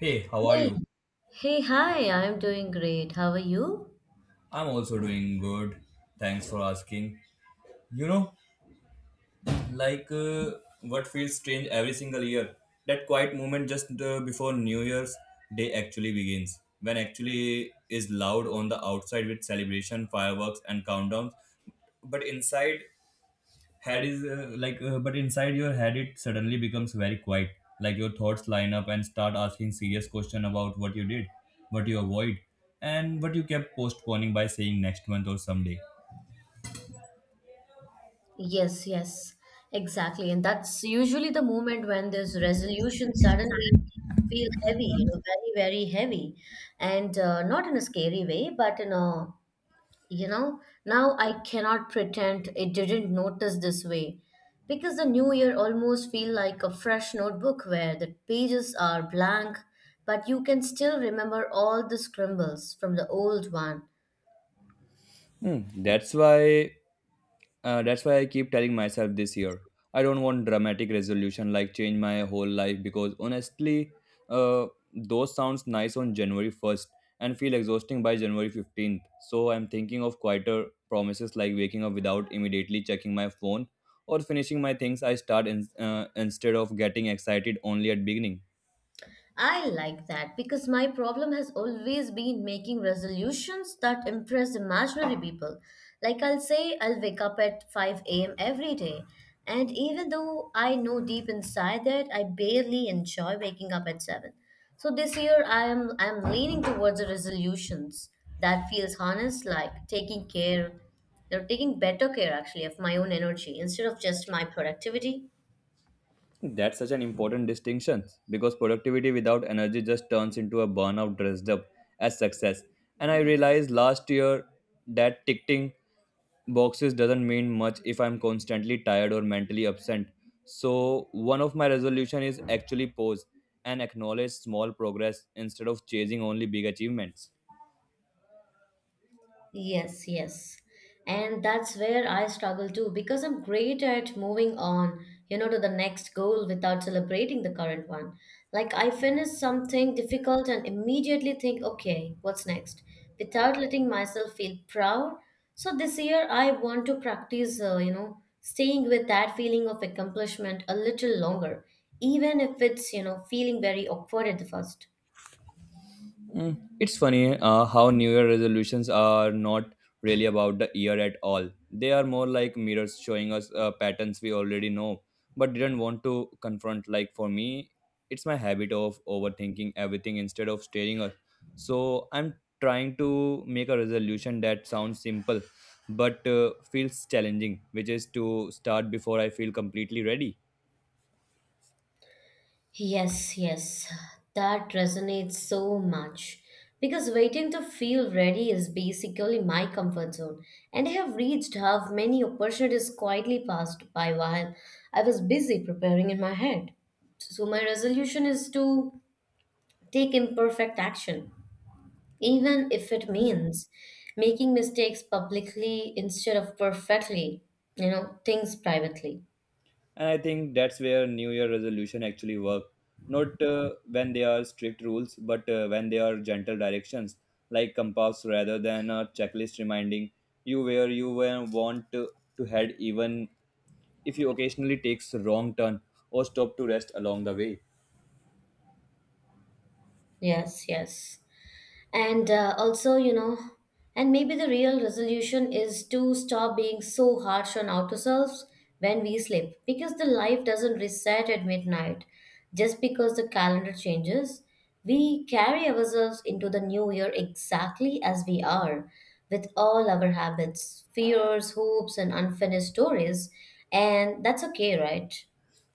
Hey, how are Hey, you? Hi, I'm doing great. How are you? I'm also doing good. Thanks for asking. You know, like uh, what feels strange every single year? That quiet moment just before New Year's Day actually begins, when actually is loud on the outside with celebration, fireworks, and countdowns, but inside head is, but inside your head it suddenly becomes very quiet, like your thoughts line up and start asking serious question about what you did, what you avoid, and what you kept postponing by saying next month or someday. Yes, yes, exactly. And that's usually the moment when this resolution suddenly feel heavy, you know, very, very heavy. And not in a scary way, but in a, you know, now I cannot pretend it didn't notice this way. Because the new year almost feel like a fresh notebook where the pages are blank, but you can still remember all the scribbles from the old one. Hmm, that's why that's why I keep telling myself this year. I don't want dramatic resolution like change my whole life because honestly, uh, those sounds nice on January 1st and feel exhausting by January 15th. So I'm thinking of quieter promises like waking up without immediately checking my phone or finishing my things I start in, instead of getting excited only at beginning. I like that because my problem has always been making resolutions that impress imaginary people. Like I'll say I'll wake up at 5 a.m. every day. And even though I know deep inside that I barely enjoy waking up at 7. So this year I'm leaning towards the resolutions that feels honest like taking care, you know, taking better care actually of my own energy instead of just my productivity. That's such an important distinction because productivity without energy just turns into a burnout dressed up as success. And I realized last year that ticking boxes doesn't mean much if I'm constantly tired or mentally absent. So one of my resolution is actually pause and acknowledge small progress instead of chasing only big achievements. Yes, yes. And that's where I struggle too because I'm great at moving on, you know, to the next goal without celebrating the current one. Like I finish something difficult and immediately think, okay, what's next? Without letting myself feel proud. So this year I want to practice, you know, staying with that feeling of accomplishment a little longer, even if it's, you know, feeling very awkward at the first. Mm, it's funny how New Year resolutions are not really about the year at all. They are more like mirrors showing us patterns we already know but didn't want to confront. Like for me, it's my habit of overthinking everything instead of staring us. So I'm trying to make a resolution that sounds simple but feels challenging, which is to start before I feel completely ready. Yes, yes, that resonates so much. Because waiting to feel ready is basically my comfort zone, and I have reached half many opportunities quietly passed by while I was busy preparing in my head. So, my resolution is to take imperfect action, even if it means making mistakes publicly instead of perfectly, you know, things privately. And I think that's where new year resolution actually work, not when they are strict rules but when they are gentle directions, like compass rather than a checklist reminding you where you want to head even if you occasionally takes wrong turn or stop to rest along the way. Yes, yes. And also you know, and maybe the real resolution is to stop being so harsh on ourselves when we sleep, because the life doesn't reset at midnight just because the calendar changes. We carry ourselves into the new year exactly as we are, with all our habits, fears, hopes, and unfinished stories. And that's okay, right?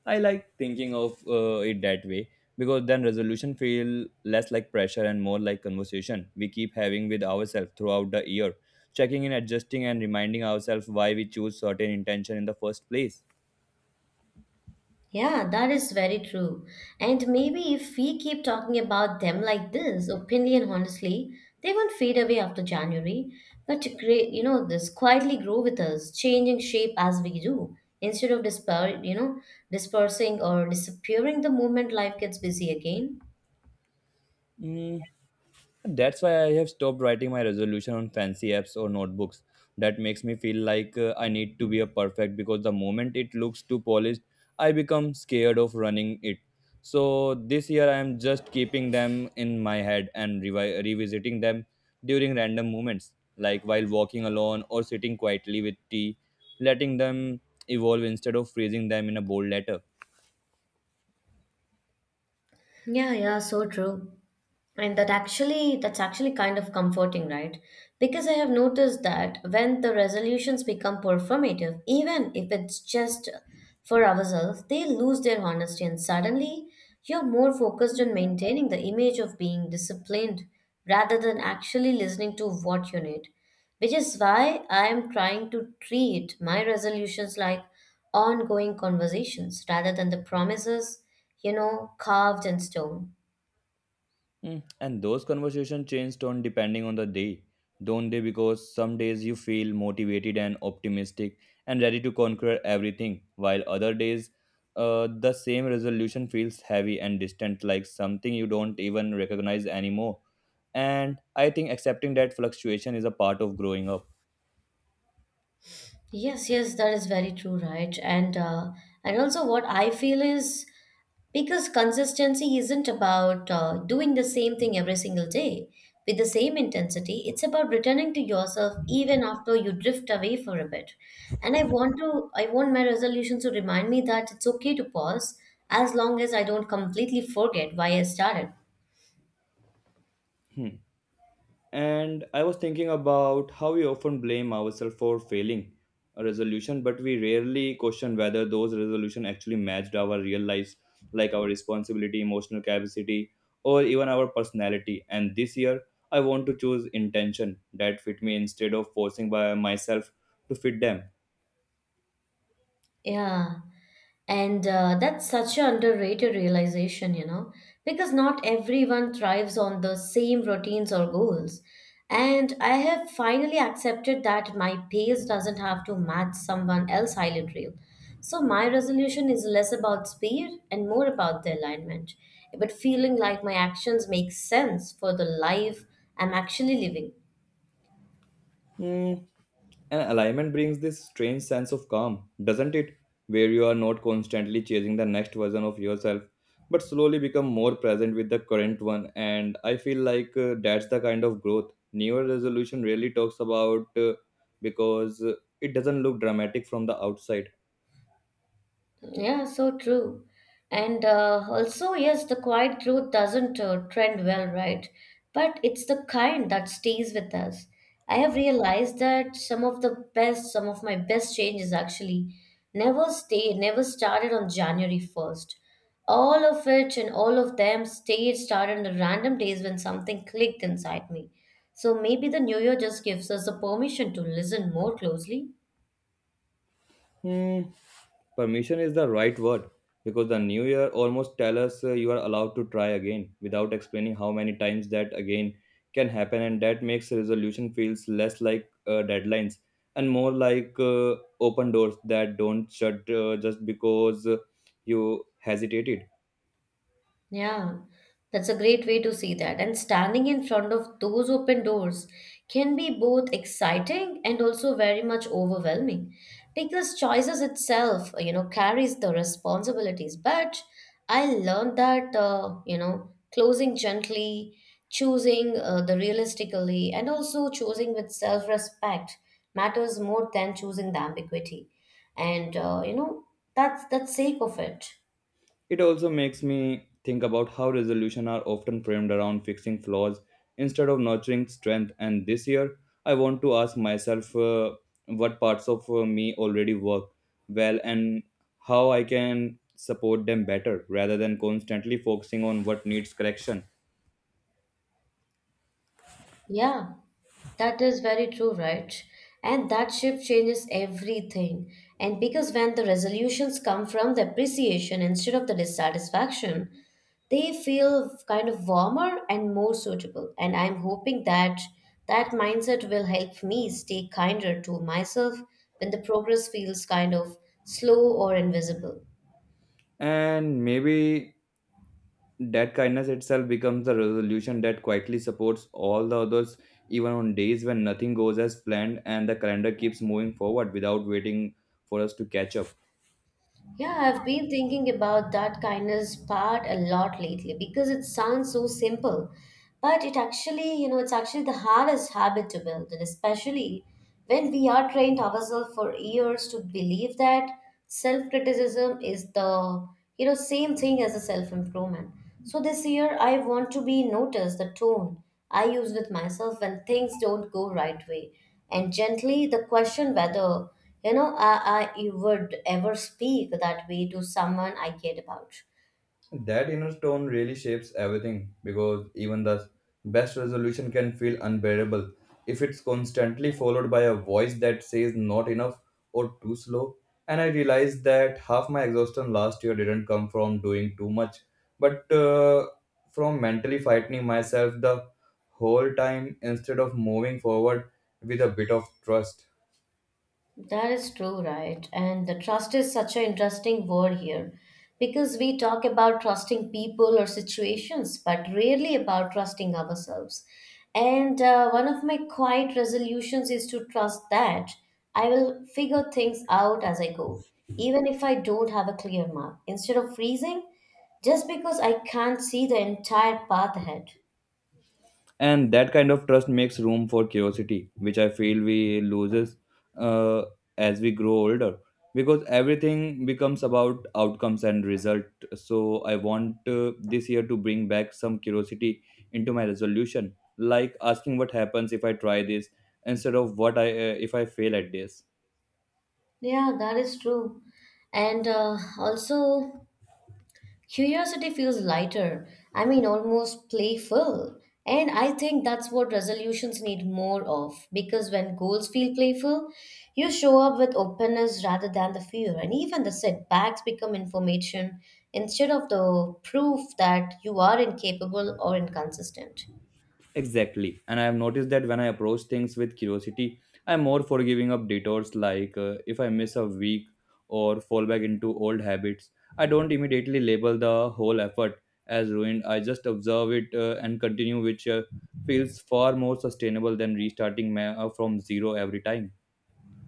I like thinking of it that way because then resolution feel less like pressure and more like conversation we keep having with ourselves throughout the year, checking in, adjusting, and reminding ourselves why we choose certain intention in the first place. Yeah, that is very true. And maybe if we keep talking about them like this, openly and honestly, they won't fade away after January, but to create, you know, this quietly grow with us, changing shape as we do, instead of you know, dispersing or disappearing the moment life gets busy again. Mm, that's why I have stopped writing my resolution on fancy apps or notebooks. That makes me feel like I need to be a perfect because the moment it looks too polished, I become scared of running it. So this year I am just keeping them in my head and revisiting them during random moments, like while walking alone or sitting quietly with tea, letting them evolve instead of freezing them in a bold letter. Yeah, yeah, so true. That's actually kind of comforting, right? Because I have noticed that when the resolutions become performative, even if it's just for ourselves, they lose their honesty, and suddenly you're more focused on maintaining the image of being disciplined rather than actually listening to what you need. Which is why I am trying to treat my resolutions like ongoing conversations rather than the promises, you know, carved in stone. Mm. And those conversation change tone depending on the day, don't they? Because some days you feel motivated and optimistic and ready to conquer everything, while other days the same resolution feels heavy and distant, like something you don't even recognize anymore. And I think accepting that fluctuation is a part of growing up. Yes, yes, that is very true, right? And also what I feel is, because consistency isn't about doing the same thing every single day with the same intensity. It's about returning to yourself even after you drift away for a bit. And I want my resolutions to remind me that it's okay to pause as long as I don't completely forget why I started. And I was thinking about how we often blame ourselves for failing a resolution, but we rarely question whether those resolutions actually matched our real lives, like our responsibility, emotional capacity, or even our personality. And this year, I want to choose intention that fit me instead of forcing by myself to fit them. Yeah. And that's such an underrated realization, you know, because not everyone thrives on the same routines or goals. And I have finally accepted that my pace doesn't have to match someone else's highlight reel. So my resolution is less about speed and more about the alignment, but feeling like my actions make sense for the life I'm actually living. Hmm, and alignment brings this strange sense of calm, doesn't it? Where you are not constantly chasing the next version of yourself, but slowly become more present with the current one. And I feel like that's the kind of growth newer resolution really talks about, because it doesn't look dramatic from the outside. Yeah, so true. And also, yes, the quiet growth doesn't trend well, right? But it's the kind that stays with us. I have realized that some of my best changes actually never started on January 1st. All of them started on the random days when something clicked inside me. So maybe the new year just gives us the permission to listen more closely. Hmm, permission is the right word because the new year almost tell us you are allowed to try again without explaining how many times that again can happen, and that makes resolution feels less like deadlines and more like open doors that don't shut just because you hesitated. Yeah, that's a great way to see that. And standing in front of those open doors can be both exciting and also very much overwhelming, because choices itself, you know, carries the responsibilities. But I learned that, you know, closing gently, choosing the realistically, and also choosing with self-respect matters more than choosing the ambiguity. And, you know, that's sake of it. It also makes me think about how resolutions are often framed around fixing flaws instead of nurturing strength. And this year, I want to ask myself, what parts of me already work well and how I can support them better rather than constantly focusing on what needs correction. Yeah. That is very true, right? And that shift changes everything. And because when the resolutions come from the appreciation instead of the dissatisfaction, they feel kind of warmer and more suitable. And I'm hoping that that mindset will help me stay kinder to myself when the progress feels kind of slow or invisible. And maybe that kindness itself becomes a resolution that quietly supports all the others, even on days when nothing goes as planned and the calendar keeps moving forward without waiting for us to catch up. Yeah, I've been thinking about that kindness part a lot lately because it sounds so simple, but it actually, you know, it's actually the hardest habit to build, and especially when we are trained ourselves for years to believe that self-criticism is the, you know, same thing as a self-improvement. So this year I want to be noticed the tone I use with myself when things don't go right way, and gently the question whether you know, I would ever speak that way to someone I cared about. That inner tone really shapes everything because even the best resolution can feel unbearable if it's constantly followed by a voice that says not enough or too slow. And I realized that half my exhaustion last year didn't come from doing too much, but from mentally fighting myself the whole time instead of moving forward with a bit of trust. That is true, right? And the trust is such an interesting word here because we talk about trusting people or situations, but rarely about trusting ourselves. And one of my quiet resolutions is to trust that I will figure things out as I go, even if I don't have a clear map. Instead of freezing, just because I can't see the entire path ahead. And that kind of trust makes room for curiosity, which I feel we loses uh, as we grow older, because everything becomes about outcomes and result. So I want this year to bring back some curiosity into my resolution, like asking what happens if I try this instead of what I if I fail at this. Yeah, that is true. And also, curiosity feels lighter. I mean, almost playful. And I think that's what resolutions need more of, because when goals feel playful, you show up with openness rather than the fear. And even the setbacks become information instead of the proof that you are incapable or inconsistent. Exactly. And I have noticed that when I approach things with curiosity, I'm more forgiving of detours like if I miss a week or fall back into old habits. I don't immediately label the whole effort as ruined. I just observe it and continue, which feels far more sustainable than restarting from zero every time.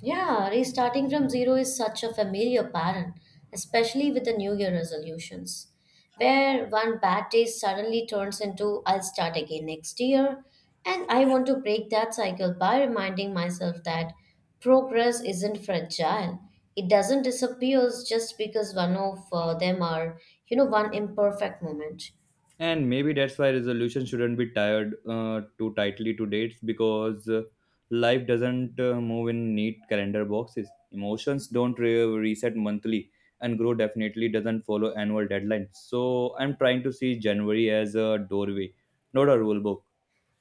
Yeah, restarting from zero is such a familiar pattern, especially with the New Year resolutions, where one bad day suddenly turns into I'll start again next year. And I want to break that cycle by reminding myself that progress isn't fragile. It doesn't disappear just because one of them are, you know, one imperfect moment. And maybe that's why resolution shouldn't be tied too tightly to dates, because life doesn't move in neat calendar boxes, emotions don't reset monthly, and grow definitely doesn't follow annual deadlines. So I'm trying to see january as a doorway, not a rule book.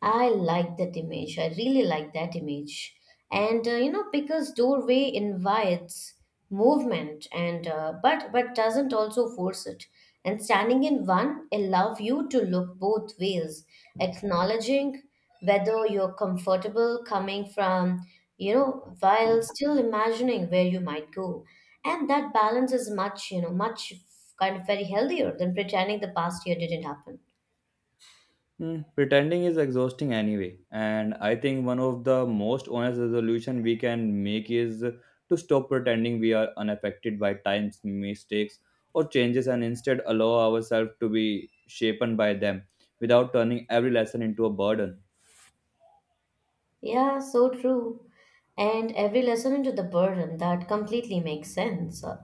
I like that image. I really like that image. And you know, because doorway invites movement and but doesn't also force it. And standing in one allow you to look both ways, acknowledging whether you're comfortable coming from, you know, while still imagining where you might go. And that balance is much, you know, much kind of very healthier than pretending the past year didn't happen. Hmm, pretending is exhausting anyway, and I think one of the most honest resolution we can make is to stop pretending we are unaffected by times, mistakes, or changes, and instead allow ourselves to be shapen by them without turning every lesson into a burden. Yeah, so true. And every lesson into the burden that completely makes sense.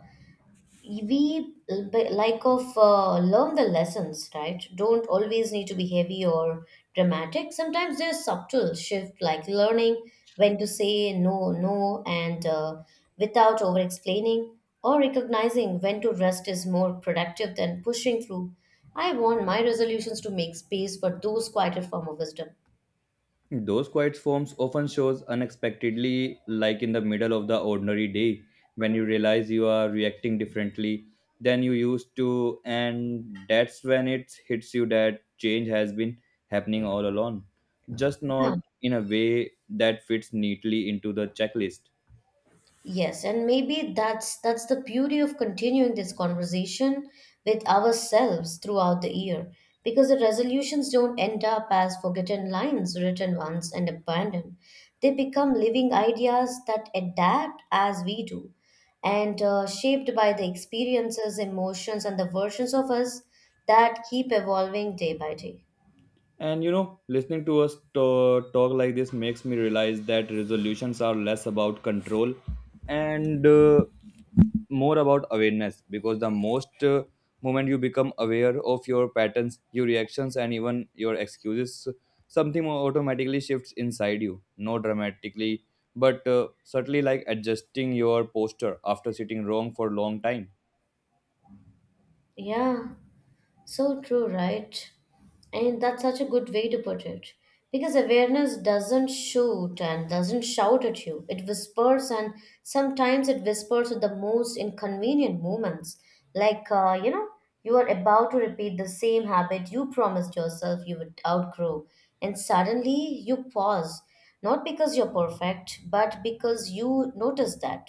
We l- b- like of learn the lessons, right? Don't always need to be heavy or dramatic. Sometimes there's subtle shift, like learning when to say no, no, and without over explaining, or recognizing when to rest is more productive than pushing through. I want my resolutions to make space for those quieter form of wisdom. Those quiet forms often shows unexpectedly, like in the middle of the ordinary day, when you realize you are reacting differently than you used to, and that's when it hits you that change has been happening all along, just Yeah. not in a way that fits neatly into the checklist. Yes, and maybe that's the beauty of continuing this conversation with ourselves throughout the year, because the resolutions don't end up as forgotten lines written once and abandoned. They become living ideas that adapt as we do, and shaped by the experiences, emotions, and the versions of us that keep evolving day by day. And you know, listening to us talk like this makes me realize that resolutions are less about control and more about awareness, because the most moment you become aware of your patterns, your reactions, and even your excuses, something automatically shifts inside you. No dramatically, but certainly like adjusting your posture after sitting wrong for a long time. Yeah. So true, right? And that's such a good way to put it. Because awareness doesn't shoot and doesn't shout at you. It whispers, and sometimes it whispers at the most inconvenient moments. Like, you know, you are about to repeat the same habit you promised yourself you would outgrow. And suddenly you pause, not because you're perfect, but because you notice that.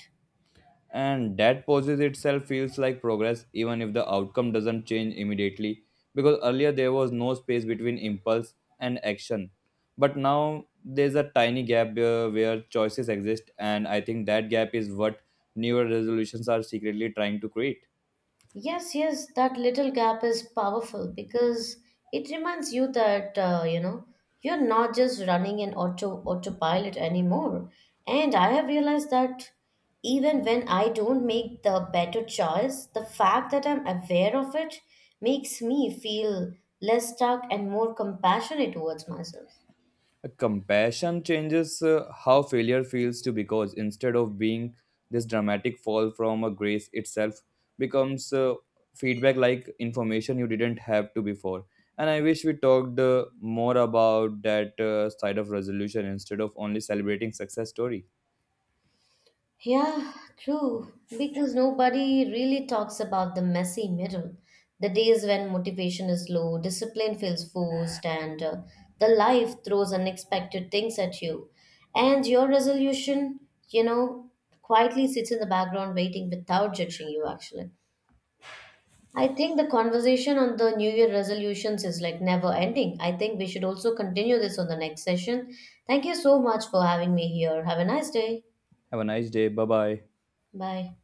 And that poses itself feels like progress even if the outcome doesn't change immediately, because earlier there was no space between impulse and action, but now there's a tiny gap where choices exist, and I think that gap is what newer resolutions are secretly trying to create. Yes, yes, that little gap is powerful because it reminds you that, you know, you're not just running an auto autopilot anymore. And I have realized that even when I don't make the better choice, the fact that I'm aware of it makes me feel less stuck and more compassionate towards myself. Compassion changes how failure feels to, because instead of being this dramatic fall from a grace itself becomes feedback, like information you didn't have to before. And I wish we talked more about that side of resolution instead of only celebrating success story. Yeah, true. Because nobody really talks about the messy middle. The days when motivation is low, discipline feels forced, and the life throws unexpected things at you. And your resolution, you know, quietly sits in the background waiting without judging you, actually. I think the conversation on the New Year resolutions is like never ending. I think we should also continue this on the next session. Thank you so much for having me here. Have a nice day. Have a nice day. Bye bye. Bye.